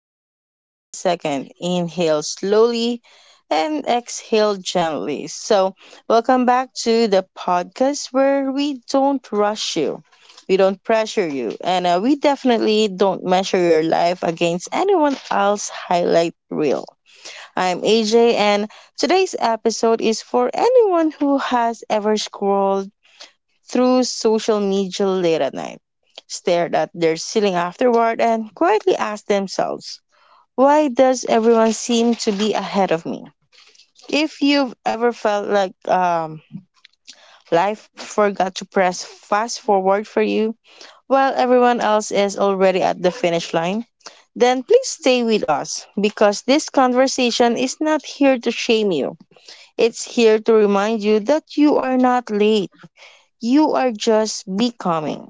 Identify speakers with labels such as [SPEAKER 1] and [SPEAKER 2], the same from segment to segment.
[SPEAKER 1] with me for a second. Inhale slowly and exhale gently. Welcome back to the podcast where we don't rush you, we don't pressure you, and we definitely don't measure your life against anyone else's highlight reel. I'm AJ, and today's episode is for anyone who has ever scrolled through social media late at night, stared at their ceiling afterward, and quietly asked themselves, why does everyone seem to be ahead of me? If you've ever felt like life forgot to press fast forward for you while everyone else is already at the finish line, then please stay with us because this conversation is not here to shame you. It's here to remind you that you are not late. You are just becoming.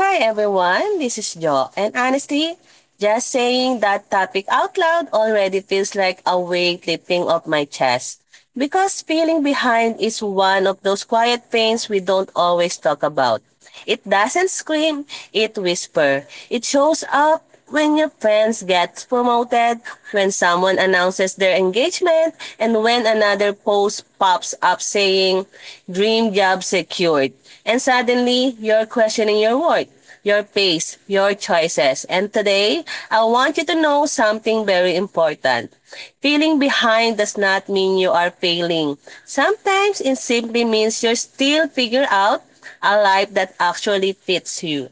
[SPEAKER 2] Hi everyone, this is Jo. And honestly, just saying that topic out loud already feels like a weight lifting off my chest. Because feeling behind is one of those quiet pains we don't always talk about. It doesn't scream, it whispers. It shows up when your friends gets promoted, when someone announces their engagement, and when another post pops up saying, dream job secured. And suddenly, you're questioning your worth, your pace, your choices. And today, I want you to know something very important. Feeling behind does not mean you are failing. Sometimes it simply means you're still figuring out a life that actually fits you.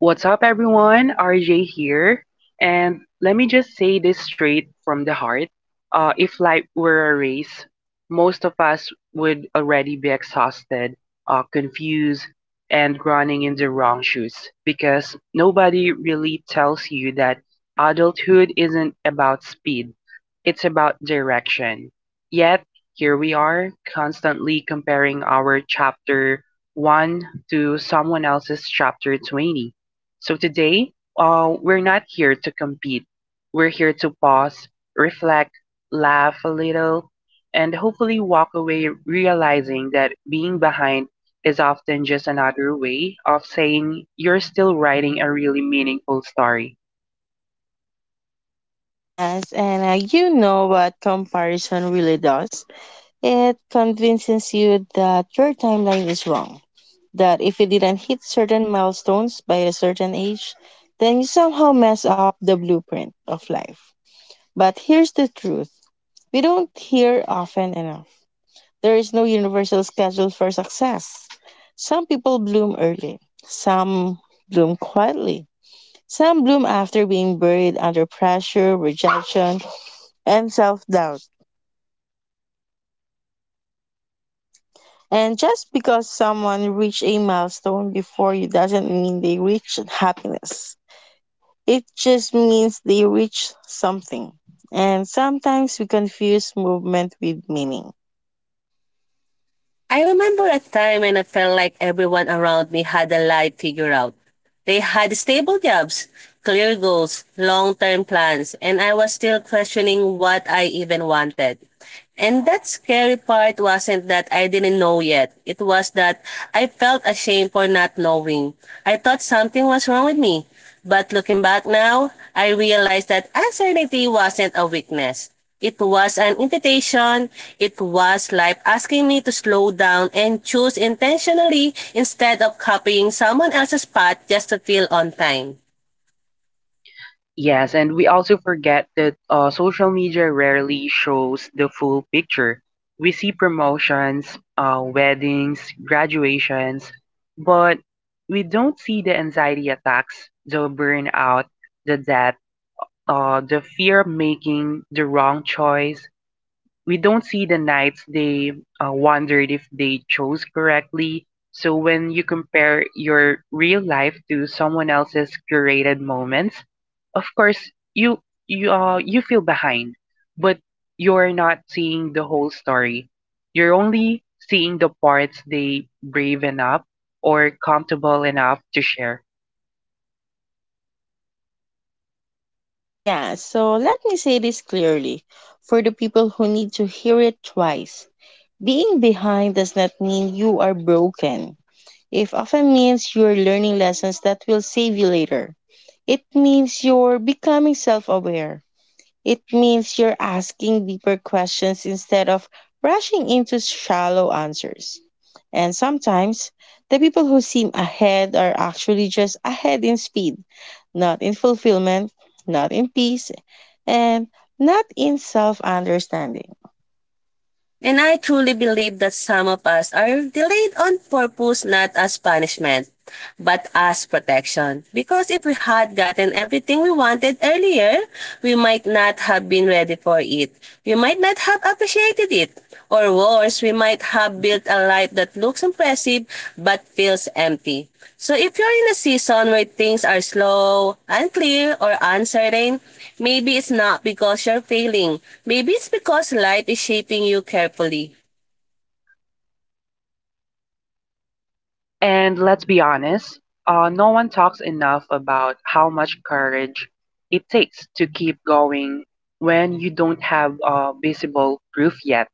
[SPEAKER 3] What's up, everyone? RJ here. And let me just say this straight from the heart. If life were a race, most of us would already be exhausted, confused, and running in the wrong shoes, because nobody really tells you that adulthood isn't about speed, it's about direction. Yet, here we are, constantly comparing our chapter 1 to someone else's chapter 20. So today, we're not here to compete. We're here to pause, reflect, laugh a little, and hopefully walk away realizing that being behind is often just another way of saying you're still writing a really meaningful story.
[SPEAKER 1] Yes, and you know what comparison really does? It convinces you that your timeline is wrong. That if you didn't hit certain milestones by a certain age, then you somehow mess up the blueprint of life. But here's the truth we don't hear often enough. There is no universal schedule for success. Some people bloom early, some bloom quietly, some bloom after being buried under pressure, rejection, and self doubt. And just because someone reached a milestone before you doesn't mean they reached happiness. It just means they reached something. And sometimes we confuse movement with meaning.
[SPEAKER 2] I remember a time when I felt like everyone around me had a life figured out. They had stable jobs, clear goals, long term plans, and I was still questioning what I even wanted. And that scary part wasn't that I didn't know yet. It was that I felt ashamed for not knowing. I thought something was wrong with me. But looking back now, I realized that uncertainty wasn't a weakness. It was an invitation. It was life asking me to slow down and choose intentionally instead of copying someone else's path just to feel on time.
[SPEAKER 3] Yes, and we also forget that social media rarely shows the full picture. We see promotions, weddings, graduations, but we don't see the anxiety attacks, the burnout, the debt, the fear of making the wrong choice. We don't see the nights they wondered if they chose correctly. So when you compare your real life to someone else's curated moments, of course you you feel behind, but you're not seeing the whole story. You're only seeing the parts they brave enough or comfortable enough to share.
[SPEAKER 1] Yeah, so let me say this clearly for the people who need to hear it twice. Being behind does not mean you are broken. It often means you are learning lessons that will save you later. It means you're becoming self aware. It means you're asking deeper questions instead of rushing into shallow answers. And sometimes the people who seem ahead are actually just ahead in speed, not in fulfillment, not in peace, and not in self understanding.
[SPEAKER 2] And I truly believe that some of us are delayed on purpose, not as punishment, but as protection. Because if we had gotten everything we wanted earlier, we might not have been ready for it. We might not have appreciated it. Or worse, we might have built a life that looks impressive but feels empty. So if you're in a season where things are slow, unclear, or uncertain, maybe it's not because you're failing. Maybe it's because life is shaping you carefully.
[SPEAKER 3] And let's be honest, no one talks enough about how much courage it takes to keep going when you don't have visible proof yet,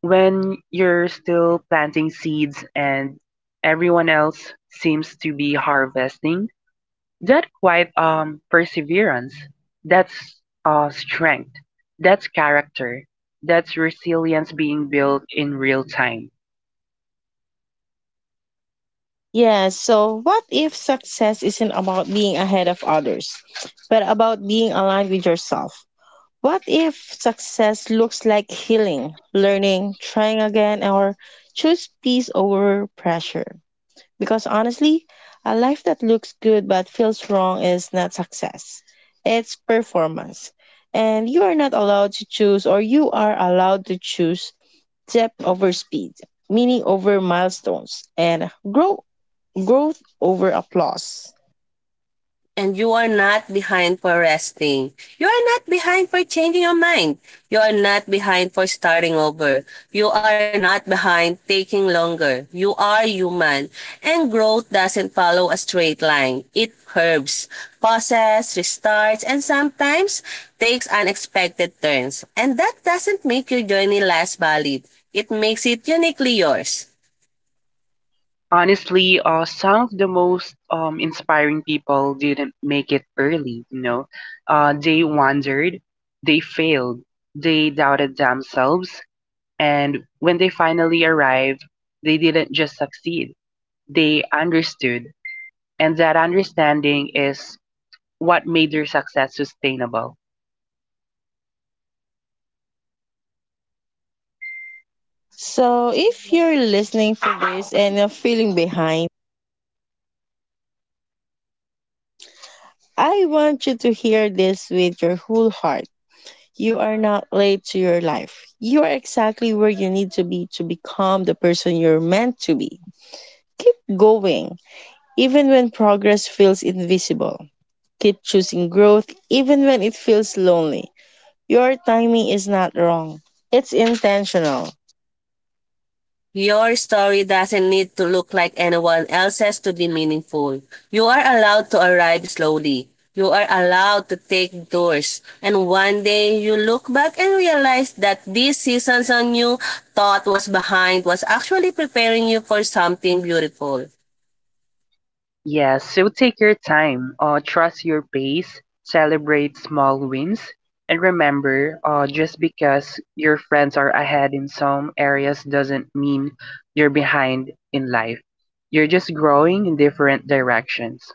[SPEAKER 3] when you're still planting seeds and everyone else seems to be harvesting. That quite perseverance, that's strength, that's character, that's resilience being built in real time.
[SPEAKER 1] Yeah, so what if success isn't about being ahead of others, but about being aligned with yourself? What if success looks like healing, learning, trying again, or choose peace over pressure? Because honestly, a life that looks good but feels wrong is not success. It's performance. And you are not allowed to choose, or you are allowed to choose depth over speed, meaning over milestones, and growth over applause.
[SPEAKER 2] And you are not behind for resting. You are not behind for changing your mind. You are not behind for starting over. You are not behind taking longer. You are human. And growth doesn't follow a straight line. It curves, pauses, restarts, and sometimes takes unexpected turns. And that doesn't make your journey less valid. It makes it uniquely yours.
[SPEAKER 3] Honestly, some of the most inspiring people didn't make it early, you know. They wandered, they failed, they doubted themselves, and when they finally arrived, they didn't just succeed, they understood. And that understanding is what made their success sustainable.
[SPEAKER 1] So, if you're listening for this and you're feeling behind, I want you to hear this with your whole heart. You are not late to your life. You are exactly where you need to be to become the person you're meant to be. Keep going, even when progress feels invisible. Keep choosing growth, even when it feels lonely. Your timing is not wrong, it's intentional.
[SPEAKER 2] Your story doesn't need to look like anyone else's to be meaningful. You are allowed to arrive slowly. You are allowed to take doors. And one day you look back and realize that these seasons on you thought was behind was actually preparing you for something beautiful.
[SPEAKER 3] Yes, so take your time, trust your pace, celebrate small wins, and remember, just because your friends are ahead in some areas doesn't mean you're behind in life. You're just growing in different directions.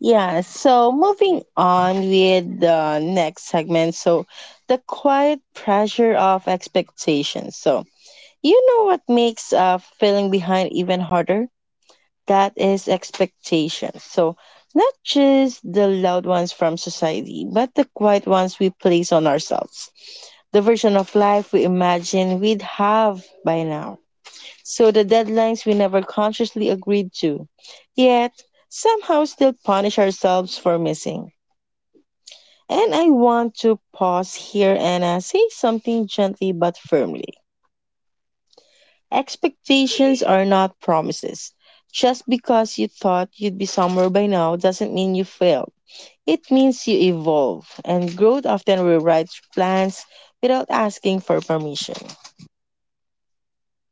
[SPEAKER 1] Yeah, so moving on with the next segment. So, the quiet pressure of expectations. So, you know what makes feeling behind even harder? That is expectations. So, not just the loud ones from society, but the quiet ones we place on ourselves. The version of life we imagine we'd have by now. So, the deadlines we never consciously agreed to, yet somehow still punish ourselves for missing. And I want to pause here and say something gently but firmly. Expectations are not promises. Just because you thought you'd be somewhere by now doesn't mean you failed. It means you evolve, and growth often rewrites plans without asking for permission.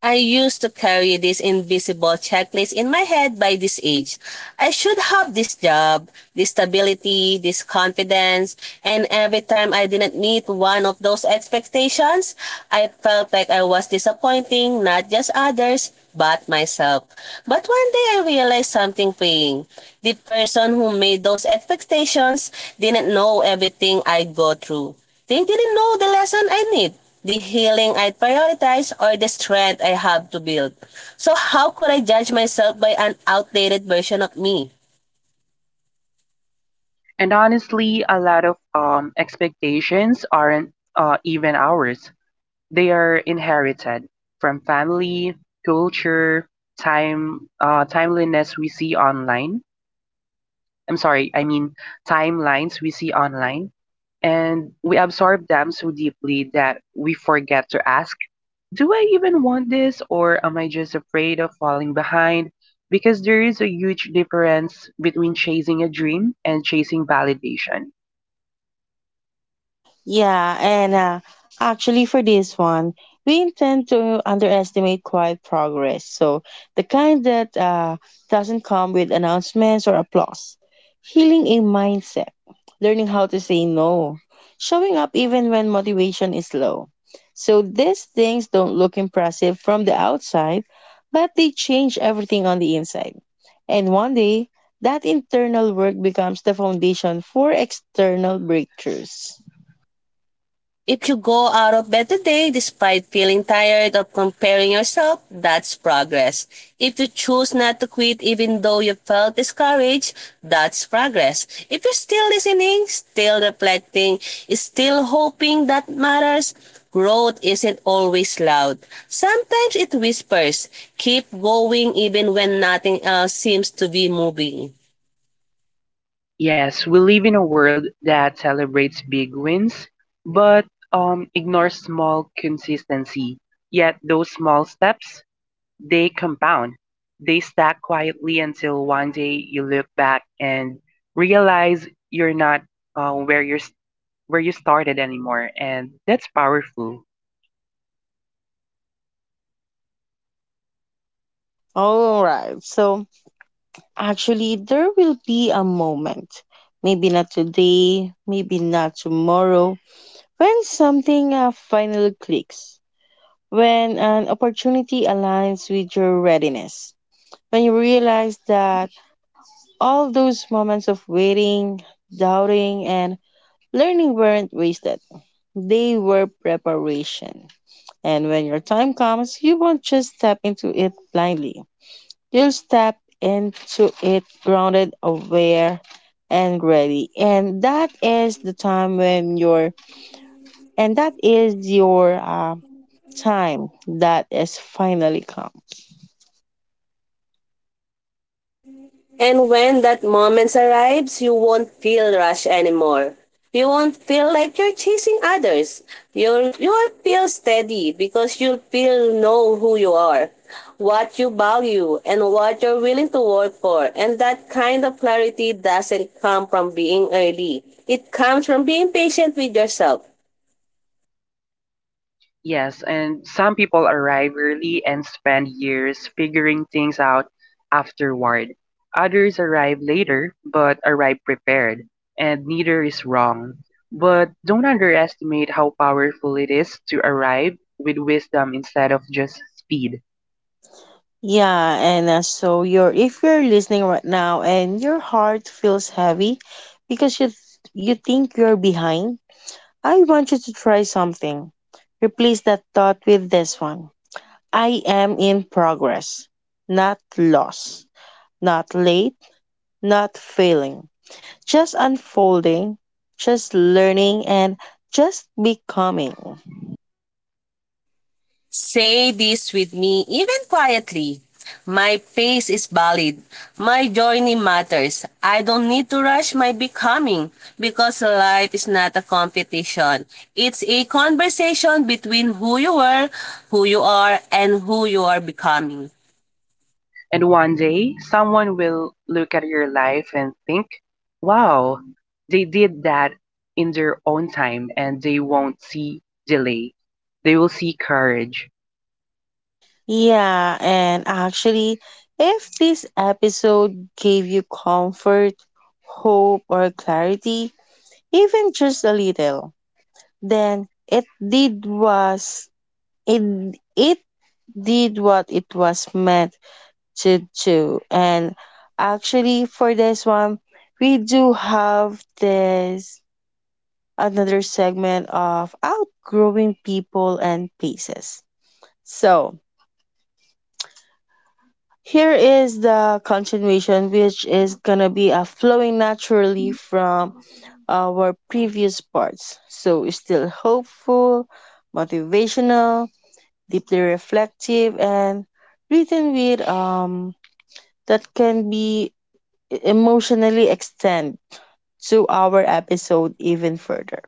[SPEAKER 2] I used to carry this invisible checklist in my head by this age. I should have this job, this stability, this confidence, and every time I didn't meet one of those expectations, I felt like I was disappointing not just others, but myself. But one day I realized something freeing. The person who made those expectations didn't know everything I go through. They didn't know the lesson I need, the healing I prioritize, or the strength I have to build. So how could I judge myself by an outdated version of me?
[SPEAKER 3] And honestly, a lot of expectations aren't even ours. They are inherited from family, culture, time, timeliness we see online I'm sorry, I mean timelines we see online, and we absorb them so deeply that we forget to ask, do I even want this, or am I just afraid of falling behind? Because there is a huge difference between chasing a dream and chasing validation.
[SPEAKER 1] Yeah, and actually, for this one, we intend to underestimate quiet progress. So, the kind that doesn't come with announcements or applause. Healing a mindset, learning how to say no, showing up even when motivation is low. So, these things don't look impressive from the outside, but they change everything on the inside. And one day, that internal work becomes the foundation for external breakthroughs.
[SPEAKER 2] If you go out of bed today despite feeling tired of comparing yourself, that's progress. If you choose not to quit even though you felt discouraged, that's progress. If you're still listening, still reflecting, still hoping, that matters. Growth isn't always loud. Sometimes it whispers, keep going even when nothing else seems to be moving.
[SPEAKER 3] Yes, we live in a world that celebrates big wins, but ignores small consistency. Yet those small steps, they compound, they stack quietly until one day you look back and realize you're not uh, where you're s- where you started anymore, and that's powerful.
[SPEAKER 1] All right. So actually, there will be a moment, maybe not today, maybe not tomorrow, when something finally clicks, when an opportunity aligns with your readiness, when you realize that all those moments of waiting, doubting, and learning weren't wasted, they were preparation. And when your time comes, you won't just step into it blindly. You'll step into it grounded, aware, and ready. And that is your time that is finally come.
[SPEAKER 2] And when that moment arrives, you won't feel rush anymore. You won't feel like you're chasing others. You'll feel steady because you'll feel know who you are, what you value, and what you're willing to work for. And that kind of clarity doesn't come from being early. It comes from being patient with yourself.
[SPEAKER 3] Yes, and some people arrive early and spend years figuring things out afterward. Others arrive later but arrive prepared, and neither is wrong. But don't underestimate how powerful it is to arrive with wisdom instead of just speed.
[SPEAKER 1] Yeah, and so you're if you're listening right now and your heart feels heavy because you think you're behind, I want you to try something. Replace that thought with this one. I am in progress, not lost, not late, not failing, just unfolding, just learning, and just becoming.
[SPEAKER 2] Say this with me, even quietly. My pace is valid. My journey matters. I don't need to rush my becoming because life is not a competition. It's a conversation between who you were, who you are, and who you are becoming.
[SPEAKER 3] And one day, someone will look at your life and think, wow, they did that in their own time, and they won't see delay. They will see courage.
[SPEAKER 1] Yeah, and actually, if this episode gave you comfort, hope, or clarity, even just a little, then it did what it was meant to do. And actually, for this one, we do have this another segment of outgrowing people and places. So, here is the continuation, which is gonna be flowing naturally from our previous parts. So, it's still hopeful, motivational, deeply reflective, and written with that can be emotionally extend to our episode even further.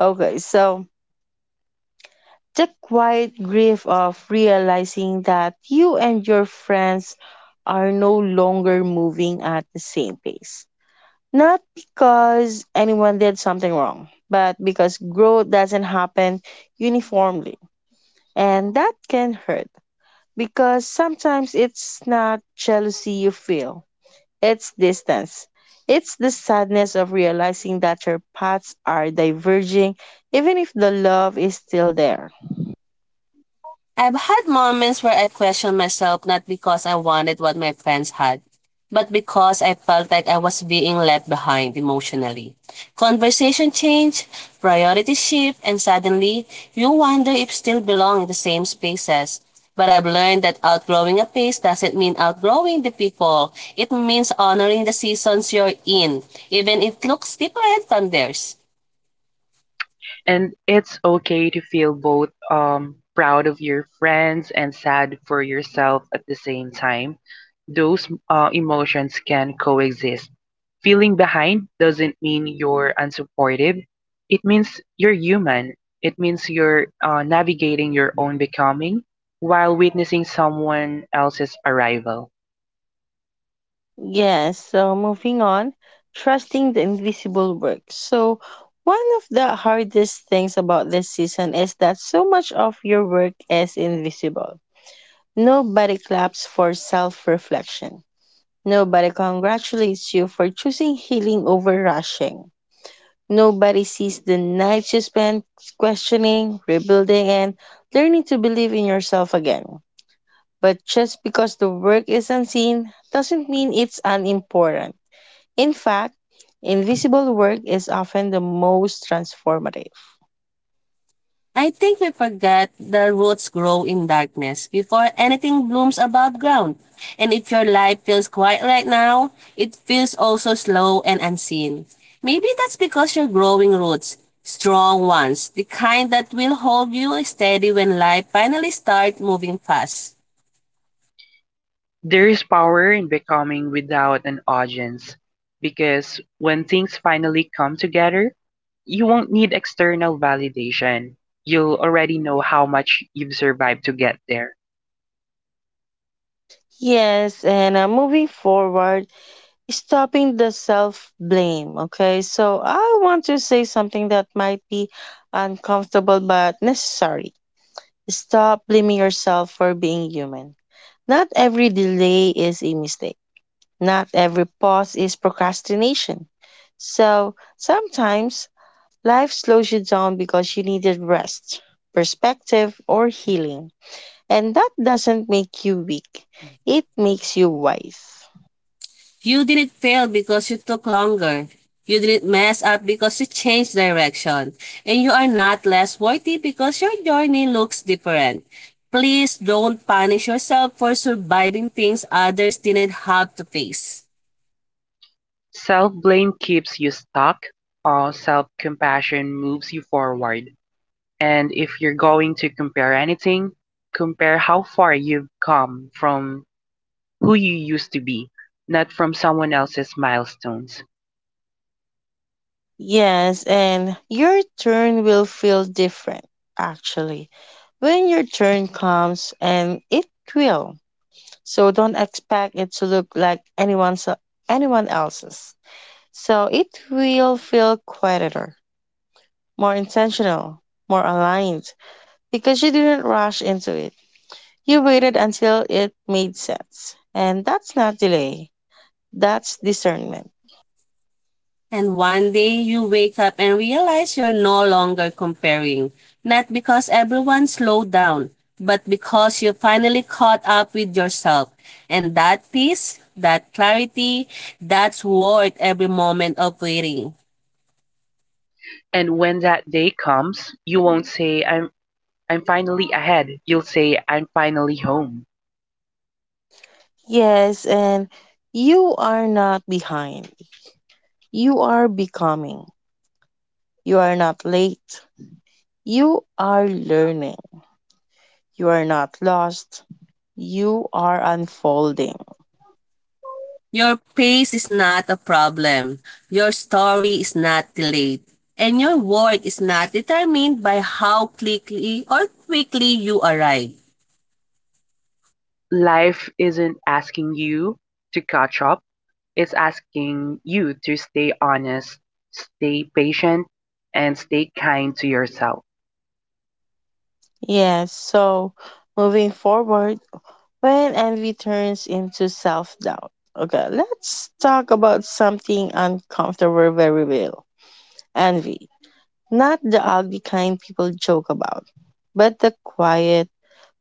[SPEAKER 1] Okay, so the quiet grief of realizing that you and your friends are no longer moving at the same pace. Not because anyone did something wrong, but because growth doesn't happen uniformly. And that can hurt because sometimes it's not jealousy you feel, it's distance. It's the sadness of realizing that your paths are diverging, even if the love is still there.
[SPEAKER 2] I've had moments where I questioned myself not because I wanted what my friends had, but because I felt like I was being left behind emotionally. Conversation changed, priorities shift, and suddenly you wonder if still belong in the same spaces. But I've learned that outgrowing a phase doesn't mean outgrowing the people. It means honoring the seasons you're in, even if it looks different from theirs.
[SPEAKER 3] And it's okay to feel both proud of your friends and sad for yourself at the same time. Those emotions can coexist. Feeling behind doesn't mean you're unsupportive, it means you're human. It means you're navigating your own becoming while witnessing someone else's arrival.
[SPEAKER 1] Yes, so moving on, trusting the invisible work. So, one of the hardest things about this season is that so much of your work is invisible. Nobody claps for self reflection. Nobody congratulates you for choosing healing over rushing. Nobody sees the nights you spent questioning, rebuilding, and learning to believe in yourself again. But just because the work is unseen doesn't mean it's unimportant. In fact, invisible work is often the most transformative.
[SPEAKER 2] I think we forget the roots grow in darkness before anything blooms above ground. And if your life feels quiet right now, it feels also slow and unseen. Maybe that's because you're growing roots, strong ones, the kind that will hold you steady when life finally starts moving fast.
[SPEAKER 3] There is power in becoming without an audience, because when things finally come together, you won't need external validation. You'll already know how much you've survived to get there.
[SPEAKER 1] Yes, and moving forward, stopping the self blame. Okay, so I want to say something that might be uncomfortable but necessary. Stop blaming yourself for being human. Not every delay is a mistake, not every pause is procrastination. So sometimes life slows you down because you needed rest, perspective, or healing. And that doesn't make you weak, it makes you wise.
[SPEAKER 2] You didn't fail because you took longer. You didn't mess up because you changed direction. And you are not less worthy because your journey looks different. Please don't punish yourself for surviving things others didn't have to face.
[SPEAKER 3] Self blame keeps you stuck, self compassion moves you forward. And if you're going to compare anything, compare how far you've come from who you used to be, not from someone else's milestones.
[SPEAKER 1] Yes, and your turn will feel different, actually, when your turn comes, and it will. So don't expect it to look like anyone else's. So it will feel quieter, more intentional, more aligned, because you didn't rush into it. You waited until it made sense. And that's not delay, that's discernment.
[SPEAKER 2] And one day you wake up and realize you're no longer comparing. Not because everyone slowed down, but because you finally caught up with yourself. And that peace, that clarity, that's worth every moment of waiting.
[SPEAKER 3] And when that day comes, you won't say, I'm finally ahead. You'll say, I'm finally home.
[SPEAKER 1] Yes, and you are not behind. You are becoming. You are not late. You are learning. You are not lost. You are unfolding.
[SPEAKER 2] Your pace is not a problem. Your story is not delayed. And your worth is not determined by how quickly or quickly you arrive.
[SPEAKER 3] Life isn't asking you to catch up, it's asking you to stay honest, stay patient, and stay kind to yourself.
[SPEAKER 1] Yes, so moving forward, when envy turns into self doubt. Okay, let's talk about something uncomfortable very well, envy. Not the ugly kind people joke about, but the quiet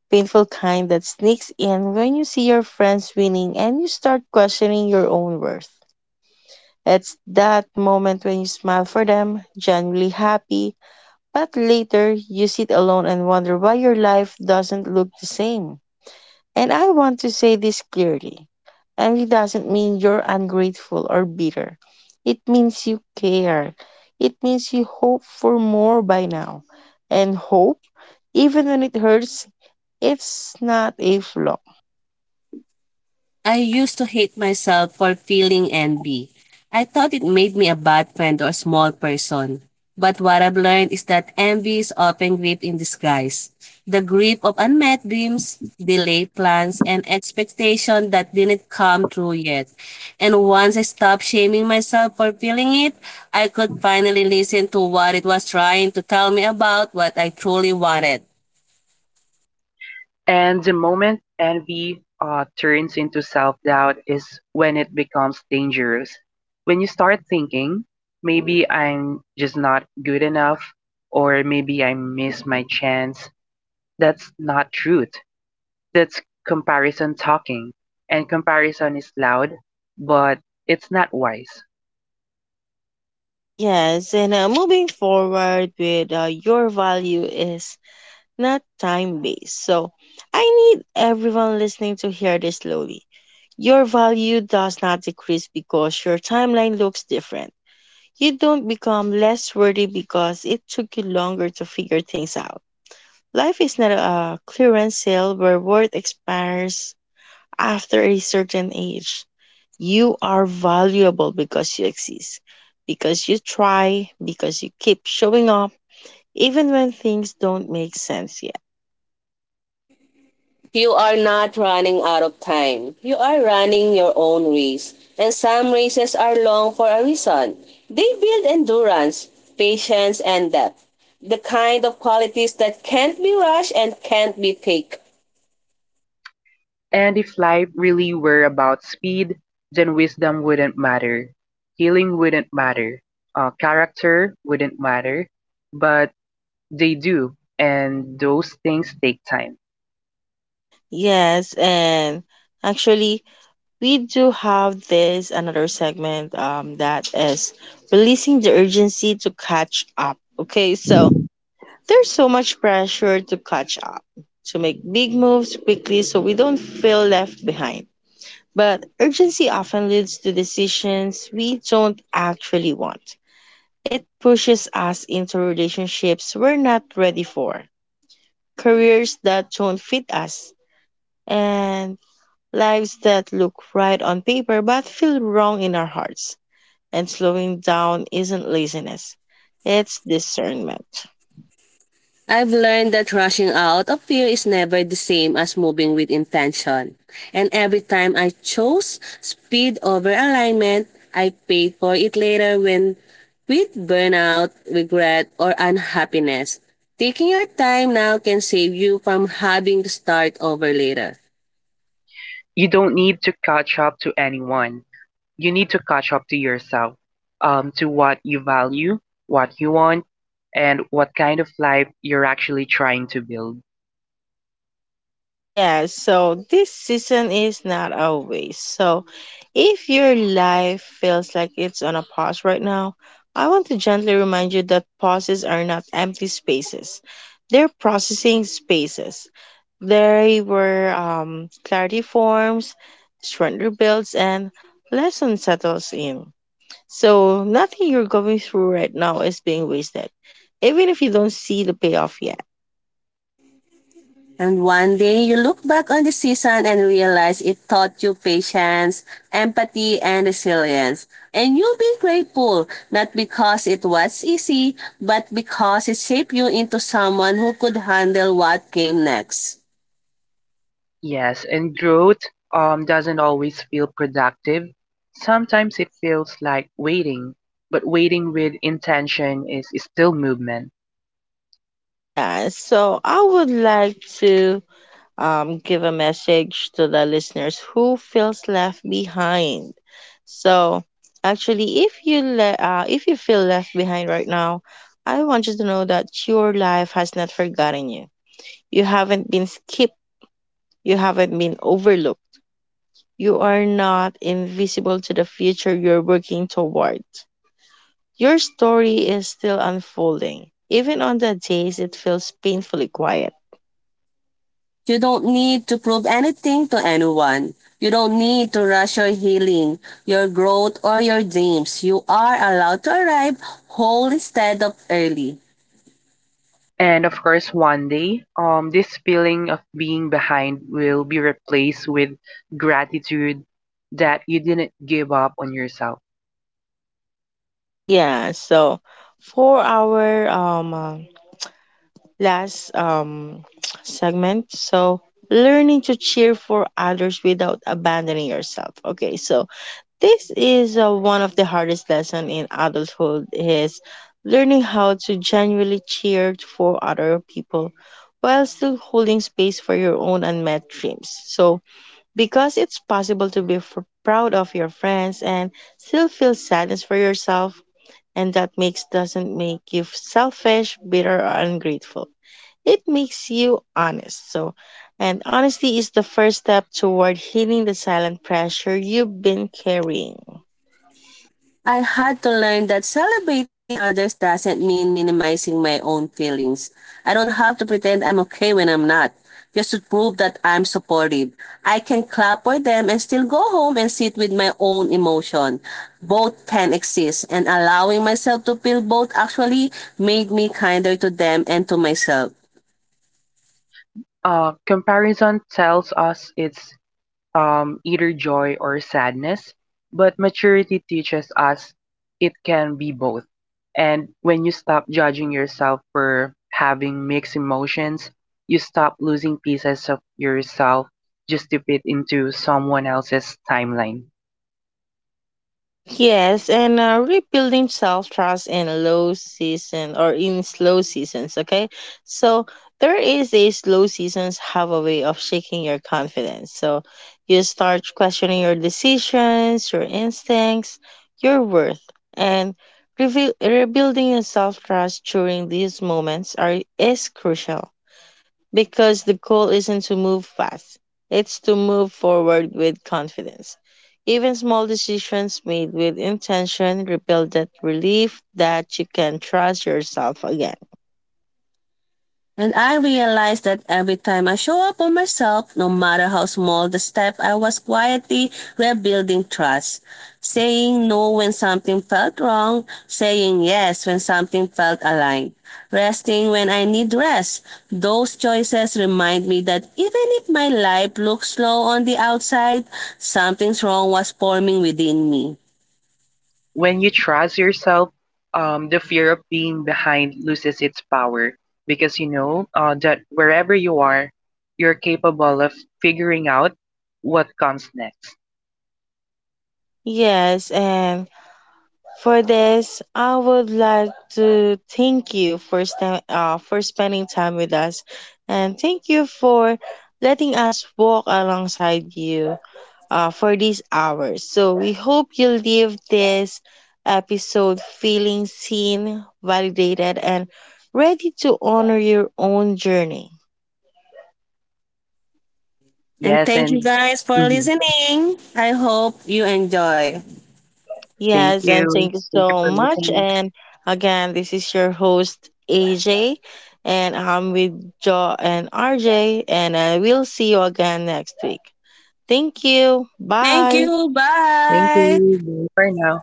[SPEAKER 1] painful kind that sneaks in when you see your friends winning and you start questioning your own worth. It's that moment when you smile for them, genuinely happy, but later you sit alone and wonder why your life doesn't look the same. And I want to say this clearly. Envy doesn't mean you're ungrateful or bitter. It means you care. It means you hope for more by now. And hope, even when it hurts, it's not a flaw.
[SPEAKER 2] I used to hate myself for feeling envy. I thought it made me a bad friend or small person. But what I've learned is that envy is often grief in disguise. The grief of unmet dreams, delayed plans, and expectation that didn't come true yet. And once I stopped shaming myself for feeling it, I could finally listen to what it was trying to tell me about what I truly wanted.
[SPEAKER 3] And the moment envy turns into self doubt is when it becomes dangerous. When you start thinking, maybe I'm just not good enough, or maybe I missed my chance, that's not truth. That's comparison talking, and comparison is loud, but it's not wise.
[SPEAKER 1] Yes, and moving forward with your value is not time based. So I need everyone listening to hear this slowly. Your value does not decrease because your timeline looks different. You don't become less worthy because it took you longer to figure things out. Life is not a clearance sale where worth expires after a certain age. You are valuable because you exist, because you try, because you keep showing up, even when things don't make sense yet.
[SPEAKER 2] You are not running out of time. You are running your own race. And some races are long for a reason. They build endurance, patience, and depth. The kind of qualities that can't be rushed and can't be fake.
[SPEAKER 3] And if life really were about speed, then wisdom wouldn't matter, healing wouldn't matter, character wouldn't matter, but they do, and those things take time.
[SPEAKER 1] Yes, and actually, we do have this another segment that is releasing the urgency to catch up. Okay, so there's so much pressure to catch up, to make big moves quickly so we don't feel left behind. But urgency often leads to decisions we don't actually want. It pushes us into relationships we're not ready for, careers that don't fit us, and lives that look right on paper but feel wrong in our hearts. And slowing down isn't laziness, it's discernment.
[SPEAKER 2] I've learned that rushing out of fear is never the same as moving with intention. And every time I chose speed over alignment, I paid for it later when with burnout, regret, or unhappiness. Taking your time now can save you from having to start over later.
[SPEAKER 3] You don't need to catch up to anyone. You need to catch up to yourself, to what you value, what you want, and what kind of life you're actually trying to build.
[SPEAKER 1] Yeah, so this season is not always. So if your life feels like it's on a pause right now, I want to gently remind you that pauses are not empty spaces. They're processing spaces. They were clarity forms, strength rebuilds, and lesson settles in. So nothing you're going through right now is being wasted, even if you don't see the payoff yet.
[SPEAKER 2] And one day, you look back on the season and realize it taught you patience, empathy, and resilience. And you'll be grateful, not because it was easy, but because it shaped you into someone who could handle what came next.
[SPEAKER 3] Yes, and growth doesn't always feel productive. Sometimes it feels like waiting, but waiting with intention is still movement.
[SPEAKER 1] Yeah, so I would like to give a message to the listeners who feels left behind. So, actually, if you feel left behind right now, I want you to know that your life has not forgotten you. You haven't been skipped. You haven't been overlooked. You are not invisible to the future you're working toward. Your story is still unfolding, even on the days it feels painfully quiet.
[SPEAKER 2] You don't need to prove anything to anyone. You don't need to rush your healing, your growth, or your dreams. You are allowed to arrive whole instead of early.
[SPEAKER 3] And of course, one day, this feeling of being behind will be replaced with gratitude that you didn't give up on yourself.
[SPEAKER 1] Yeah. So, for our last segment. So, learning to cheer for others without abandoning yourself. Okay, so this is one of the hardest lessons in adulthood is learning how to genuinely cheer for other people while still holding space for your own unmet dreams. So, because it's possible to proud of your friends and still feel sadness for yourself, and that makes doesn't make you selfish, bitter, or ungrateful, it makes you honest. So, and honesty is the first step toward healing the silent pressure you've been carrying.
[SPEAKER 2] I had to learn that celebrating others doesn't mean minimizing my own feelings. I don't have to pretend I'm okay when I'm not, just to prove that I'm supportive. I can clap for them and still go home and sit with my own emotion. Both can exist, and allowing myself to feel both actually made me kinder to them and to myself.
[SPEAKER 3] Comparison tells us it's either joy or sadness, but maturity teaches us it can be both. And when you stop judging yourself for having mixed emotions, you stop losing pieces of yourself just to fit into someone else's timeline.
[SPEAKER 1] Yes, and rebuilding self trust in low season or in slow seasons. Okay, so there is a slow seasons have a way of shaking your confidence. So you start questioning your decisions, your instincts, your worth, and rebuilding your self trust during these moments are is crucial because the goal isn't to move fast, it's to move forward with confidence. Even small decisions made with intention rebuild that belief that you can trust yourself again.
[SPEAKER 2] And I realized that every time I show up on myself, no matter how small the step, I was quietly rebuilding trust. Saying no when something felt wrong, saying yes when something felt aligned, resting when I need rest. Those choices remind me that even if my life looks slow on the outside, something's wrong was forming within me.
[SPEAKER 3] When you trust yourself, the fear of being behind loses its power, because you know that wherever you are, you're capable of figuring out what comes next.
[SPEAKER 1] Yes, and for this, I would like to thank you for spending time with us, and thank you for letting us walk alongside you for these hours. So we hope you leave this episode feeling seen, validated, and ready to honor your own journey.
[SPEAKER 2] And
[SPEAKER 3] Yes,
[SPEAKER 2] thank you
[SPEAKER 3] and
[SPEAKER 2] guys for
[SPEAKER 3] mhm.
[SPEAKER 2] listening. I hope you enjoy.
[SPEAKER 3] Thank
[SPEAKER 1] Yes, and
[SPEAKER 3] you.
[SPEAKER 1] thank you
[SPEAKER 3] Thank you
[SPEAKER 1] so
[SPEAKER 3] for
[SPEAKER 1] much.
[SPEAKER 3] listening.
[SPEAKER 1] And again, this is your host, AJ, and I'm with Jo and RJ, and I will see you again next week. Thank you.
[SPEAKER 2] Thank
[SPEAKER 1] Bye.
[SPEAKER 2] you.
[SPEAKER 3] Thank
[SPEAKER 2] Bye.
[SPEAKER 3] you. Bye for now.